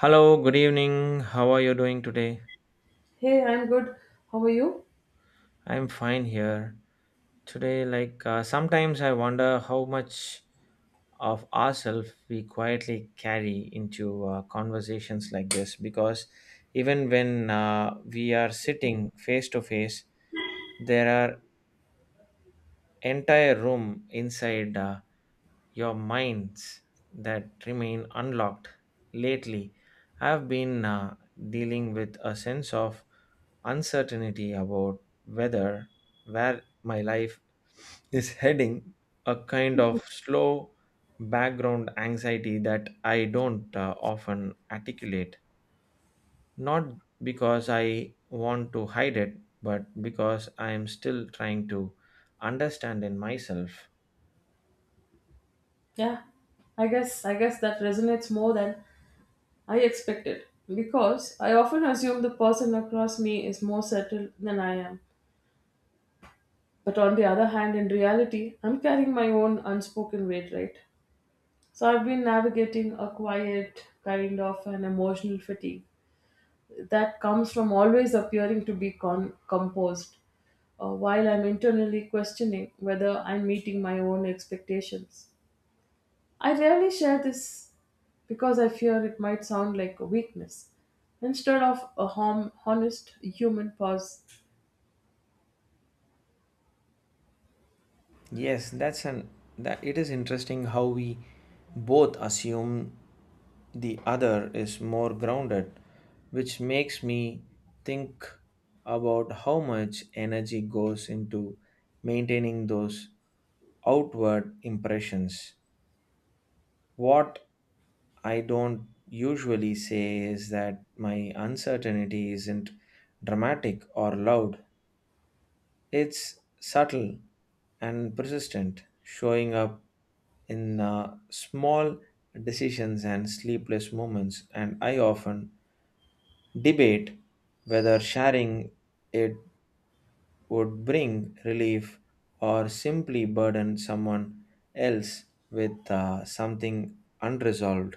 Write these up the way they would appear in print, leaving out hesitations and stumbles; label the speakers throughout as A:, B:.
A: Hello, good evening. How are you doing today?
B: Hey, I'm good. How are you?
A: I'm fine here. Today, sometimes I wonder how much of ourselves we quietly carry into conversations like this because even when we are sitting face to face, there are entire room inside. Your minds that remain unlocked. Lately, I've been dealing with a sense of uncertainty about whether where my life is heading, a kind of slow background anxiety that I don't often articulate. Not because I want to hide it, but because I am still trying to understand in myself.
B: Yeah, I guess that resonates more than I expected because I often assume the person across me is more settled than I am. But on the other hand, in reality, I'm carrying my own unspoken weight, right? So I've been navigating a quiet kind of an emotional fatigue that comes from always appearing to be composed while I'm internally questioning whether I'm meeting my own expectations. I rarely share this because I fear it might sound like a weakness. Instead of a honest human pause,
A: Yes, that's an that it is interesting how we both assume the other is more grounded, which makes me think about how much energy goes into maintaining those outward impressions. What I don't usually say is that my uncertainty isn't dramatic or loud. It's subtle and persistent, showing up in small decisions and sleepless moments. And I often debate whether sharing it would bring relief or simply burden someone else with something unresolved.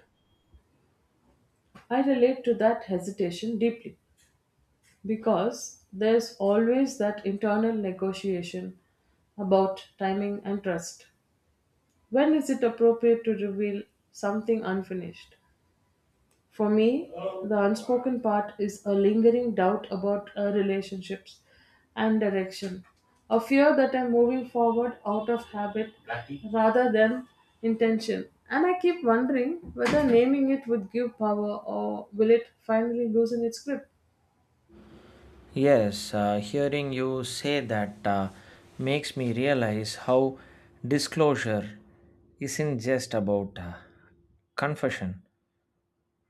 B: I relate to that hesitation deeply because there's always that internal negotiation about timing and trust. When is it appropriate to reveal something unfinished? For me, the unspoken part is a lingering doubt about relationships and direction, a fear that I'm moving forward out of habit rather than intention. And I keep wondering whether naming it would give power or will it finally loosen its grip.
A: Yes, hearing you say that makes me realize how disclosure isn't just about confession,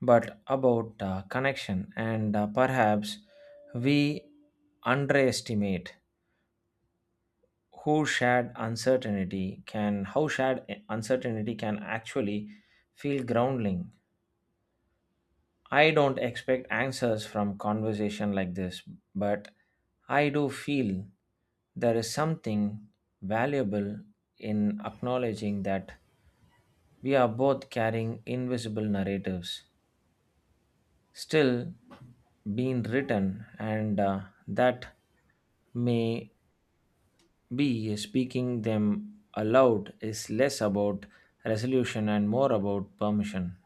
A: but about connection, and perhaps we underestimate who shared uncertainty can how shared uncertainty can actually feel grounding. I don't expect answers from conversation like this, but I do feel there is something valuable in acknowledging that we are both carrying invisible narratives still being written, and that may be speaking them aloud is less about resolution and more about permission.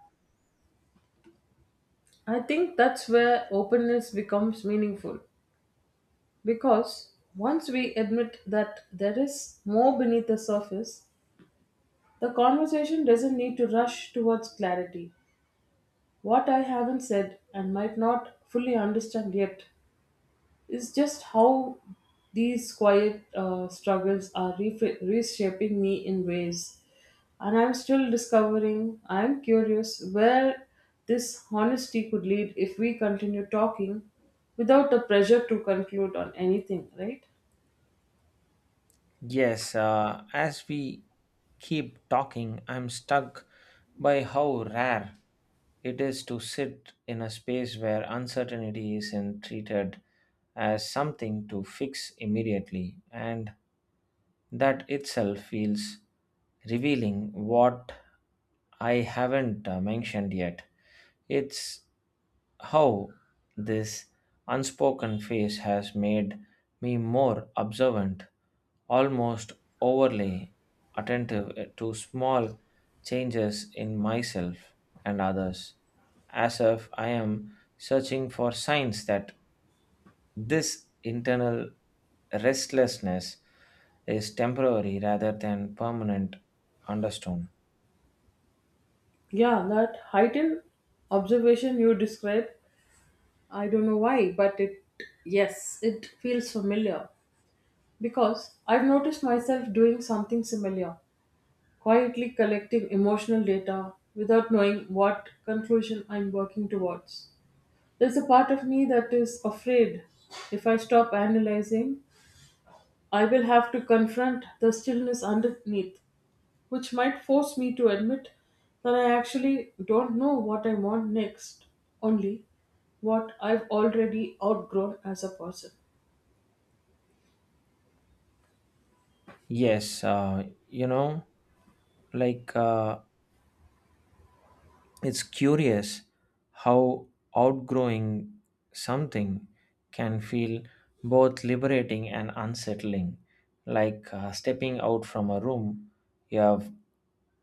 B: I think that's where openness becomes meaningful because once we admit that there is more beneath the surface, the conversation doesn't need to rush towards clarity. What I haven't said and might not fully understand yet is just how these quiet struggles are reshaping me in ways. And I'm still discovering, I'm curious where this honesty could lead if we continue talking without the pressure to conclude on anything, right?
A: Yes, as we keep talking, I'm stuck by how rare it is to sit in a space where uncertainty isn't treated as something to fix immediately. And that itself feels revealing what I haven't mentioned yet. It's how this unspoken phase has made me more observant, almost overly attentive to small changes in myself and others, as if I am searching for signs that this internal restlessness is temporary rather than permanent understone.
B: Yeah, that heightened observation you described, I don't know why, but it, yes, it feels familiar. Because I've noticed myself doing something similar, quietly collecting emotional data without knowing what conclusion I'm working towards. There's a part of me that is afraid if I stop analyzing, I will have to confront the stillness underneath, which might force me to admit that I actually don't know what I want next, only what I've already outgrown as a person.
A: Yes, you know, like uh, it's curious how outgrowing something can feel both liberating and unsettling, like stepping out from a room you have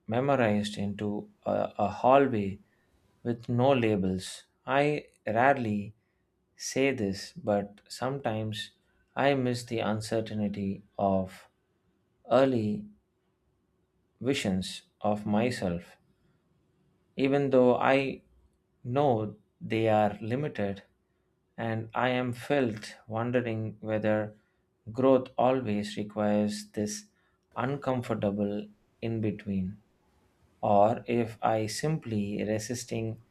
A: memorized into a hallway with no labels. I rarely say this, but sometimes I miss the uncertainty of early visions of myself, even though I know they are limited, and I am felt wondering whether growth always requires this uncomfortable in between, or if I simply resisting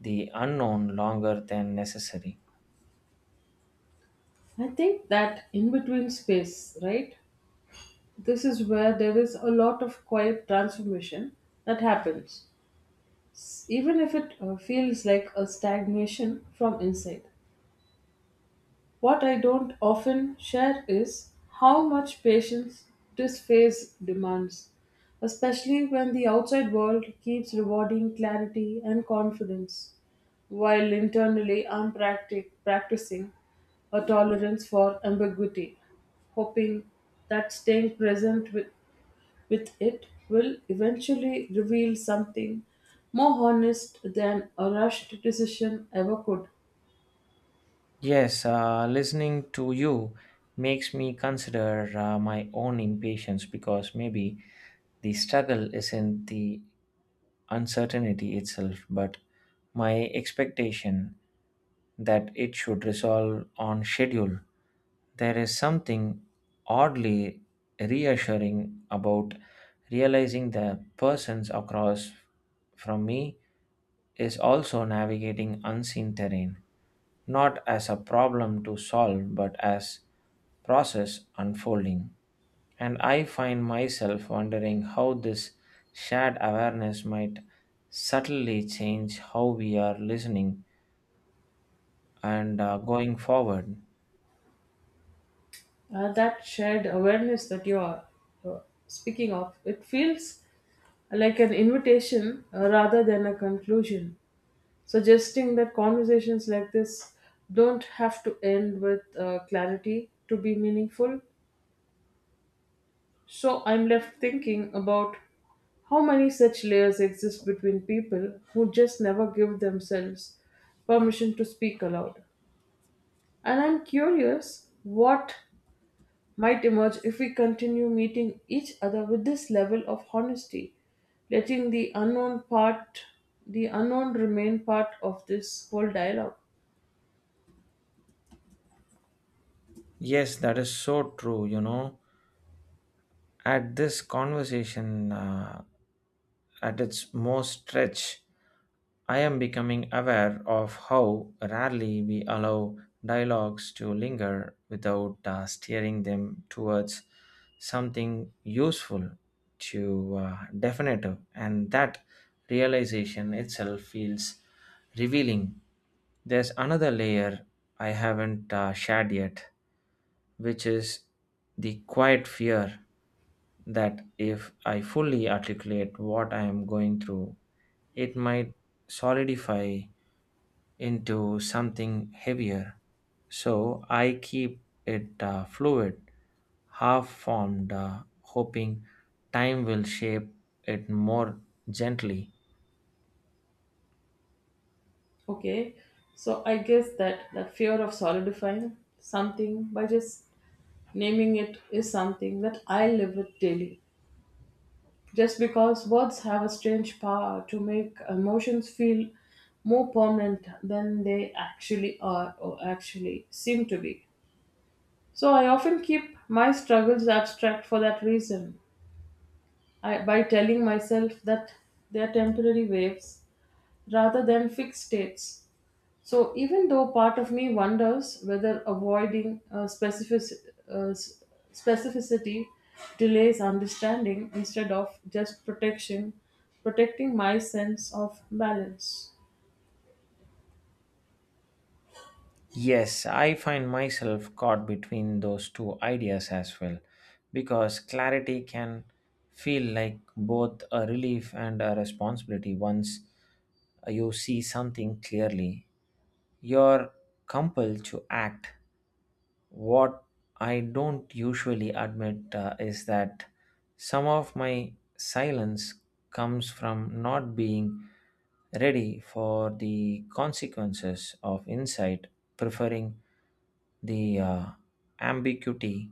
A: the unknown longer than necessary.
B: I think that in between space, right? This is where there is a lot of quiet transformation that happens, even if it feels like a stagnation from inside. What I don't often share is how much patience this phase demands, especially when the outside world keeps rewarding clarity and confidence, while internally I'm practicing a tolerance for ambiguity, hoping that staying present with it will eventually reveal something more honest than a rushed decision ever could.
A: Yes, listening to you makes me consider my own impatience because maybe the struggle isn't the uncertainty itself, but my expectation that it should resolve on schedule. There is something oddly reassuring about realizing the persons across from me is also navigating unseen terrain, not as a problem to solve, but as process unfolding. And I find myself wondering how this shared awareness might subtly change how we are listening and going forward.
B: That shared awareness that you are uh, speaking of, it feels like an invitation rather than a conclusion, suggesting that conversations like this don't have to end with clarity to be meaningful. So I'm left thinking about how many such layers exist between people who just never give themselves permission to speak aloud. And I'm curious what might emerge if we continue meeting each other with this level of honesty, letting the unknown part, the unknown remain part of this whole dialogue.
A: Yes, that is so true. You know, at this conversation, at its most stretch, I am becoming aware of how rarely we allow dialogues to linger without steering them towards something useful to definitive. And that realization itself feels revealing. There's another layer I haven't shared yet, which is the quiet fear that if I fully articulate what I am going through, it might solidify into something heavier. So I keep it fluid, half formed, hoping time will shape it more gently.
B: Okay, so I guess that fear of solidifying something by just naming it is something that I live with daily, just because words have a strange power to make emotions feel more permanent than they actually are or actually seem to be. So I often keep my struggles abstract for that reason, by telling myself that they are temporary waves rather than fixed states. So even though part of me wonders whether avoiding specific, uh, s- specificity delays understanding instead of just protecting my sense of balance.
A: Yes, I find myself caught between those two ideas as well, because clarity can feel like both a relief and a responsibility. Once you see something clearly, you're compelled to act. What I don't usually admit is that some of my silence comes from not being ready for the consequences of insight, preferring the ambiguity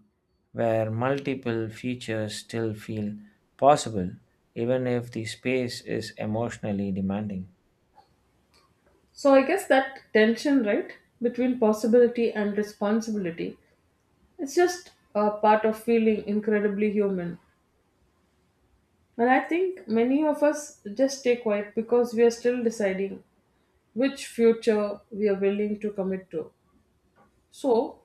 A: where multiple features still feel possible even if the space is emotionally demanding.
B: So I guess that tension, right, between possibility and responsibility, it's just a part of feeling incredibly human. And I think many of us just stay quiet because we are still deciding which future we are willing to commit to. So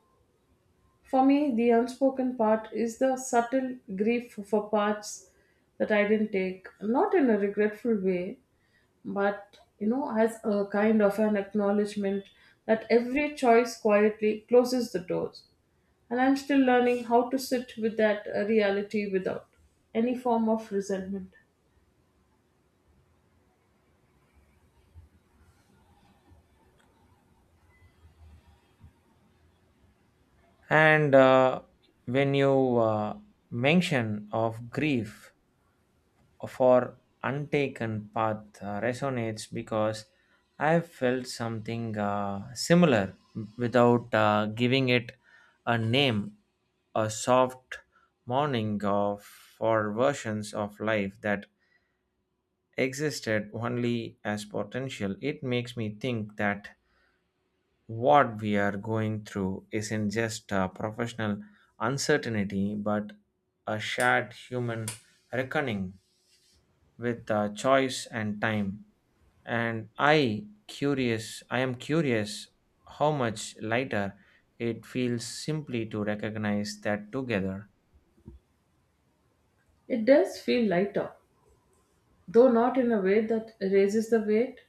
B: for me, the unspoken part is the subtle grief for parts that I didn't take, not in a regretful way, but you know, as a kind of an acknowledgement that every choice quietly closes the doors. And I'm still learning how to sit with that reality without any form of resentment.
A: And when you mention of grief for Untaken Path resonates because I've felt something similar without giving it a name. A soft mourning of for versions of life that existed only as potential. It makes me think that what we are going through isn't just a professional uncertainty, but a shared human reckoning with choice and time. I am curious how much lighter it feels simply to recognize that together.
B: It does feel lighter, though not in a way that raises the weight,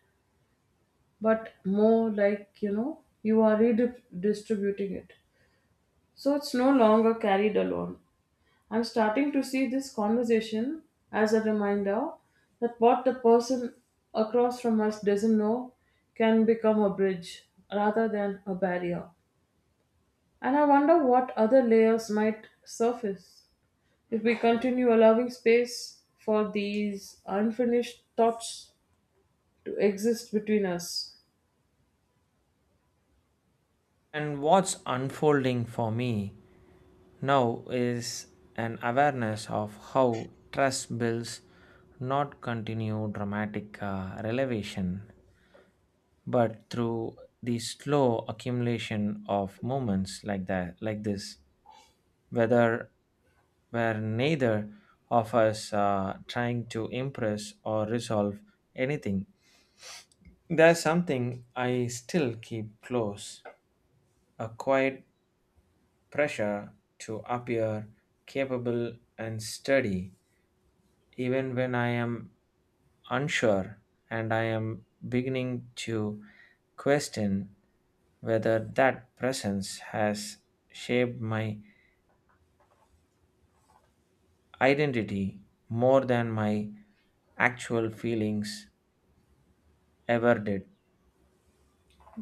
B: but more like you know, you are redistributing it. So it's no longer carried alone. I'm starting to see this conversation as a reminder that what the person across from us doesn't know can become a bridge rather than a barrier. And I wonder what other layers might surface if we continue allowing space for these unfinished thoughts to exist between us.
A: And what's unfolding for me now is an awareness of how trust builds not continue dramatic elevation but through the slow accumulation of moments like this, whether where neither of us are trying to impress or resolve anything. There's something I still keep close, a quiet pressure to appear capable and steady, even when I am unsure, and I am beginning to question whether that presence has shaped my identity more than my actual feelings ever did.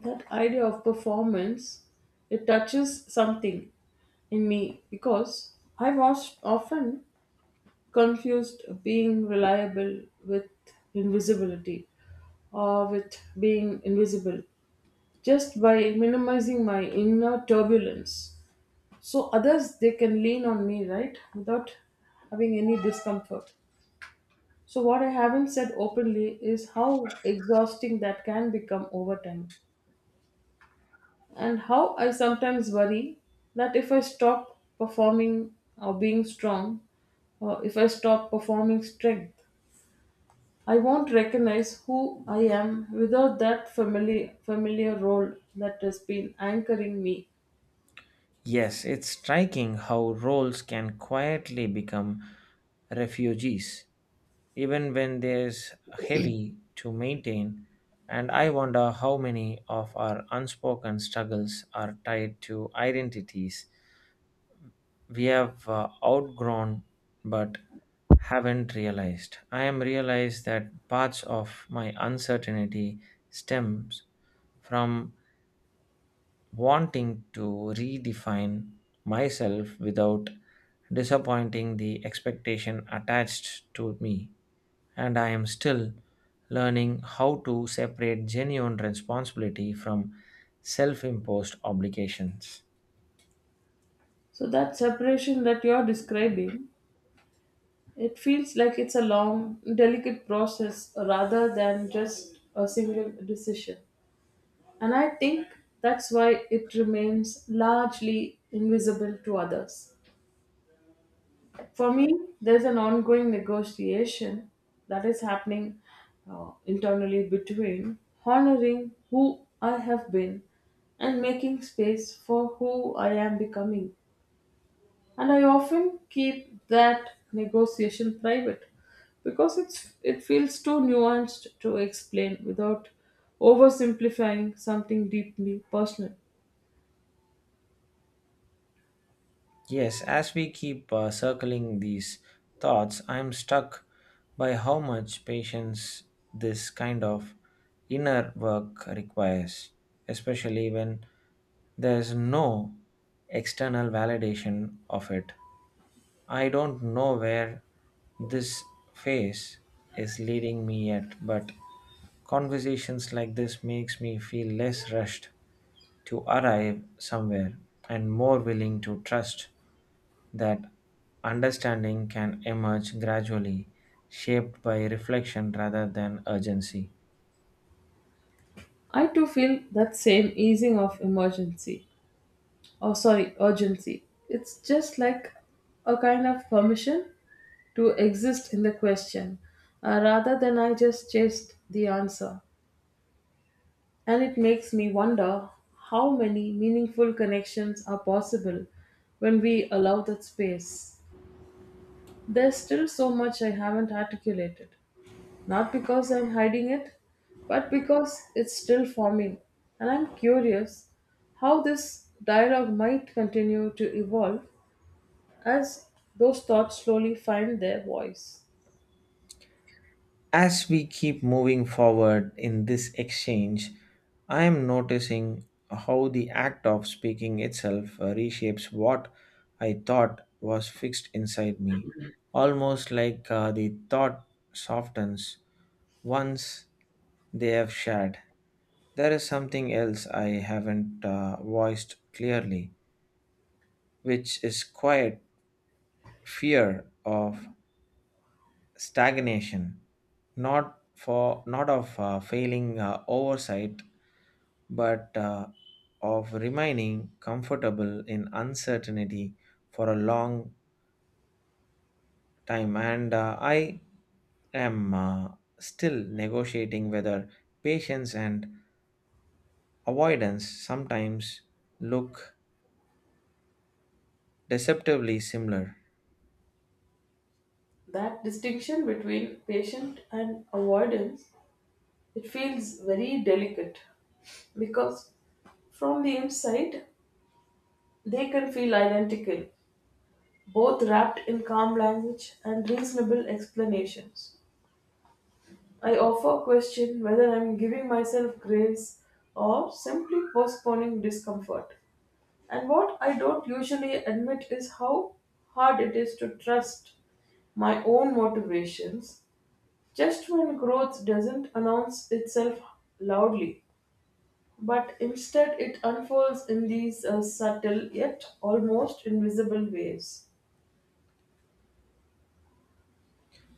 B: That idea of performance, it touches something in me because I've often confused being reliable with invisibility or with being invisible just by minimizing my inner turbulence so others they can lean on me, right, without having any discomfort. So what I haven't said openly is how exhausting that can become over time, and how I sometimes worry that if I stop performing or being strong, or if I stop performing strength, I won't recognize who I am without that familiar role that has been anchoring me.
A: Yes, it's striking how roles can quietly become refugees, even when there's heavy to maintain. And I wonder how many of our unspoken struggles are tied to identities we have outgrown but haven't realized. I am realized that parts of my uncertainty stems from wanting to redefine myself without disappointing the expectation attached to me, and I am still learning how to separate genuine responsibility from self imposed obligations.
B: So that separation that you're describing, it feels like it's a long, delicate process rather than just a single decision. And I think that's why it remains largely invisible to others. For me, there's an ongoing negotiation that is happening internally between honoring who I have been and making space for who I am becoming. And I often keep that negotiation private because it feels too nuanced to explain without oversimplifying something deeply personal.
A: Yes, as we keep circling these thoughts, I am struck by how much patience this kind of inner work requires, especially when there is no external validation of it. I don't know where this phase is leading me yet, but conversations like this makes me feel less rushed to arrive somewhere and more willing to trust that understanding can emerge gradually, shaped by reflection rather than urgency.
B: I too feel that same easing of emergency, oh sorry, urgency. It's just like a kind of permission to exist in the question rather than I just chased the answer. And it makes me wonder how many meaningful connections are possible when we allow that space. There's still so much I haven't articulated, not because I'm hiding it but because it's still forming. And I'm curious how this dialogue might continue to evolve as those thoughts slowly find their voice.
A: As we keep moving forward in this exchange, I am noticing how the act of speaking itself reshapes what I thought was fixed inside me, almost like the thought softens once they have shared. There is something else I haven't voiced clearly, which is quiet fear of stagnation, not of failing oversight but of remaining comfortable in uncertainty for a long time, and I am still negotiating whether patience and avoidance sometimes look deceptively similar.
B: That distinction between patient and avoidance, it feels very delicate because from the inside they can feel identical, both wrapped in calm language and reasonable explanations. I often question whether I'm giving myself grace or simply postponing discomfort. And what I don't usually admit is how hard it is to trust my own motivations just when growth doesn't announce itself loudly, but instead it unfolds in these subtle yet almost invisible ways.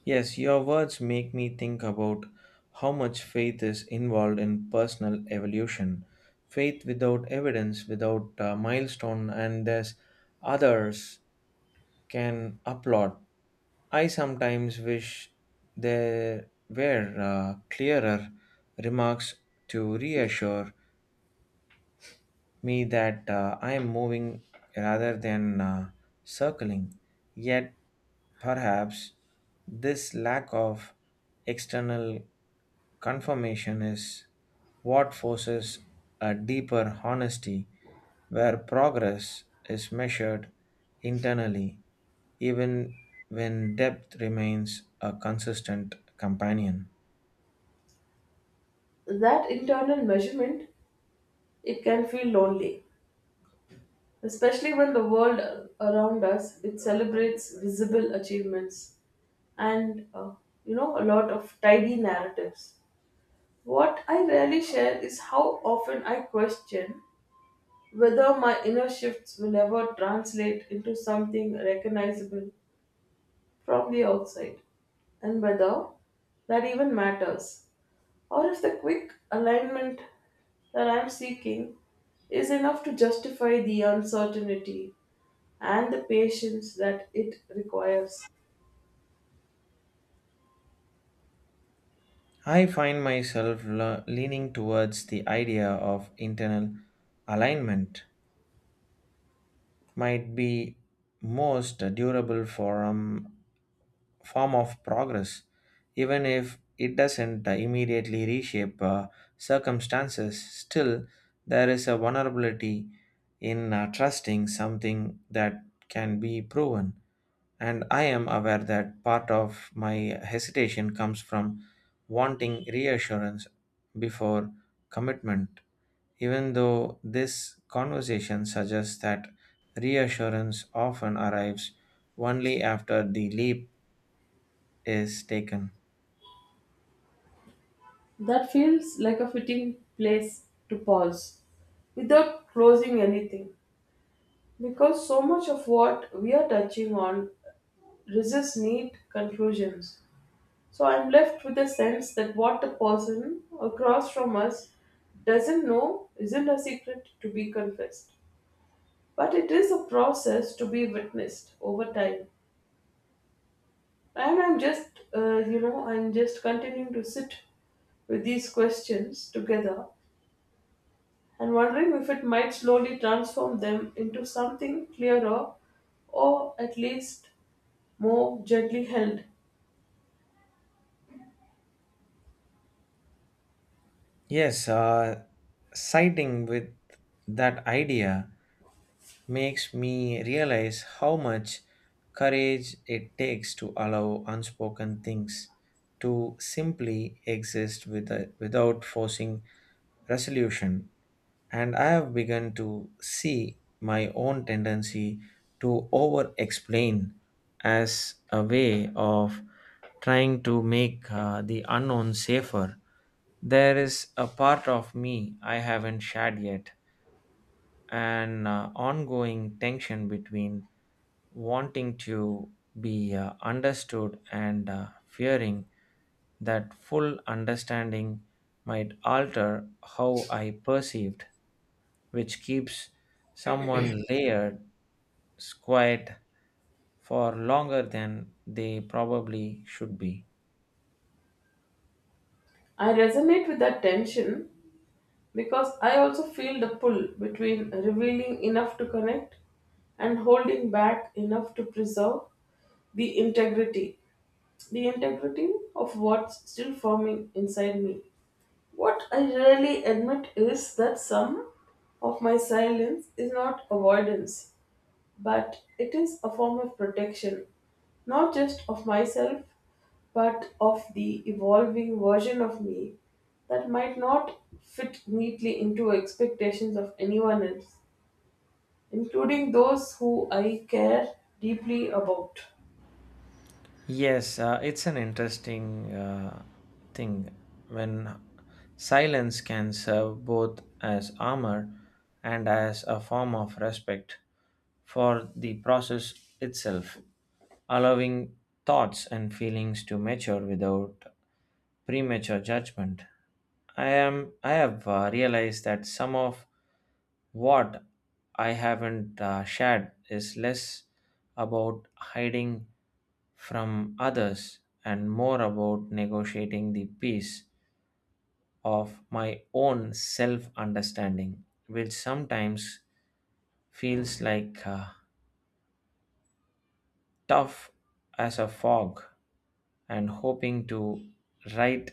A: Yes, your words make me think about how much faith is involved in personal evolution. Faith without evidence, without milestone, and there's others can applaud. I sometimes wish there were clearer remarks to reassure me that I am moving rather than circling. Yet, perhaps this lack of external confirmation is what forces a deeper honesty where progress is measured internally, even when depth remains a consistent companion.
B: That internal measurement, it can feel lonely, especially when the world around us it celebrates visible achievements and you know a lot of tidy narratives. What I rarely share is how often I question whether my inner shifts will ever translate into something recognizable from the outside, and whether that even matters, or if the quick alignment that I'm seeking is enough to justify the uncertainty and the patience that it requires.
A: I find myself le- leaning towards the idea of internal alignment might be most durable form of progress, even if it doesn't immediately reshape circumstances. Still, there is a vulnerability in trusting something that can be proven. And I am aware that part of my hesitation comes from wanting reassurance before commitment, even though this conversation suggests that reassurance often arrives only after the leap is taken.
B: That feels like a fitting place to pause without closing anything, because so much of what we are touching on resists neat conclusions. So I'm left with the sense that what the person across from us doesn't know isn't a secret to be confessed, but it is a process to be witnessed over time. And I'm just, you know, I'm just continuing to sit with these questions together and wondering if it might slowly transform them into something clearer or at least more gently held.
A: Yes, siding with that idea makes me realize how much courage it takes to allow unspoken things to simply exist with without forcing resolution. And I have begun to see my own tendency to over explain as a way of trying to make the unknown safer. There is a part of me I haven't shared yet, an ongoing tension between wanting to be understood and fearing that full understanding might alter how I perceived, which keeps someone layered quiet for longer than they probably should be.
B: I resonate with that tension because I also feel the pull between revealing enough to connect and holding back enough to preserve the integrity, the integrity of what's still forming inside me. What I rarely admit is that some of my silence is not avoidance but it is a form of protection, not just of myself, but of the evolving version of me that might not fit neatly into expectations of anyone else, including those who I care deeply about.
A: Yes, it's an interesting thing when silence can serve both as armor and as a form of respect for the process itself, allowing thoughts and feelings to mature without premature judgment. I have realized that some of what I haven't shared is less about hiding from others and more about negotiating the peace of my own self understanding, which sometimes feels like tough as a fog, and hoping to right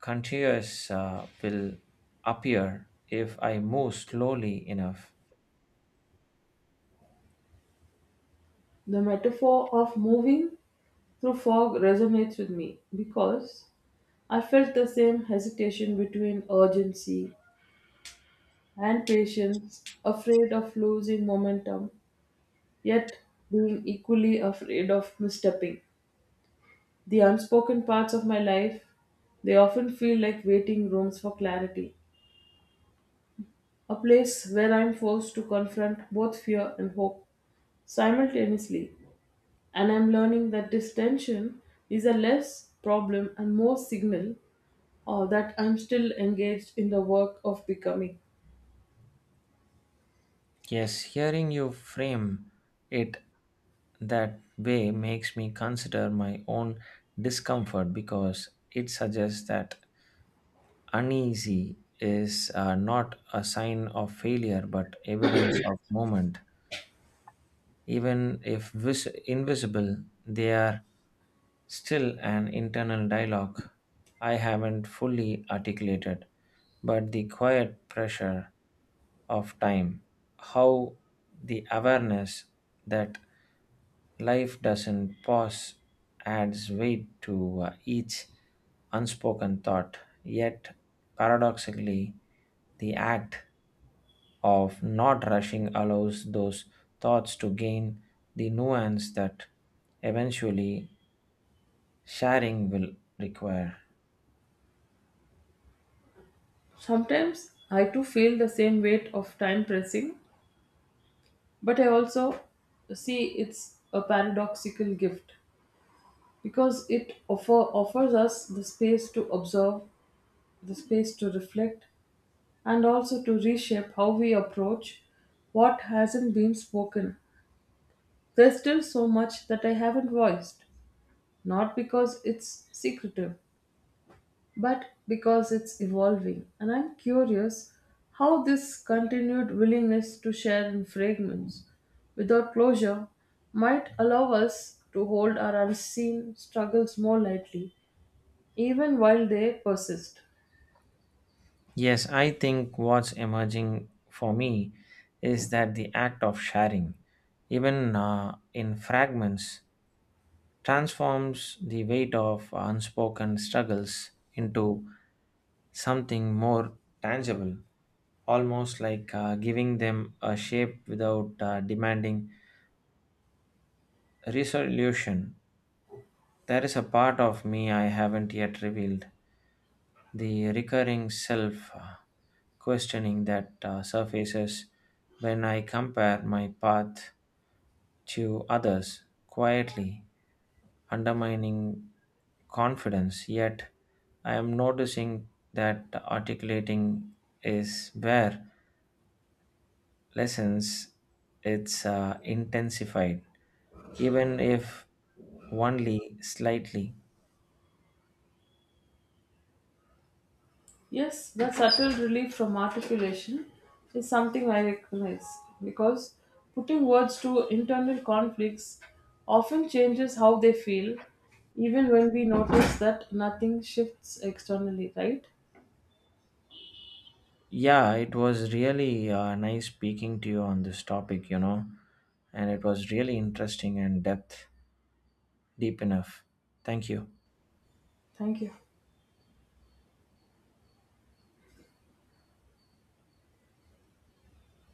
A: continuous will appear if I move slowly enough.
B: The metaphor of moving through fog resonates with me because I felt the same hesitation between urgency and patience, afraid of losing momentum yet being equally afraid of misstepping. The unspoken parts of my life, they often feel like waiting rooms for clarity, a place where I'm forced to confront both fear and hope simultaneously. And I'm learning that this tension is a less problem and more signal or that I'm still engaged in the work of becoming.
A: Yes, hearing you frame it that way makes me consider my own discomfort because it suggests that uneasy is not a sign of failure but evidence of moment, even if invisible. They are still an internal dialogue I haven't fully articulated, but the quiet pressure of time, how the awareness that life doesn't pause adds weight to each unspoken thought, yet paradoxically, the act of not rushing allows those thoughts to gain the nuance that eventually sharing will require.
B: Sometimes I too feel the same weight of time pressing, but I also see it's a paradoxical gift because it offers us the space to observe, the space to reflect, and also to reshape how we approach what hasn't been spoken. There's still so much that I haven't voiced, not because it's secretive, but because it's evolving. And I'm curious how this continued willingness to share in fragments without closure might allow us to hold our unseen struggles more lightly even while they persist.
A: Yes, I think what's emerging for me is that the act of sharing, even in fragments, transforms the weight of unspoken struggles into something more tangible, almost like giving them a shape without demanding resolution. There is a part of me I haven't yet revealed. The recurring self questioning that surfaces when I compare my path to others, quietly undermining confidence. Yet I am noticing that articulating is where lessons it's intensified, even if only slightly.
B: Yes, the subtle relief from articulation is something I recognize because putting words to internal conflicts often changes how they feel, even when we notice that nothing shifts externally, right?
A: Yeah, it was really nice speaking to you on this topic, you know, and it was really interesting and depth deep enough. Thank you.
B: Thank you.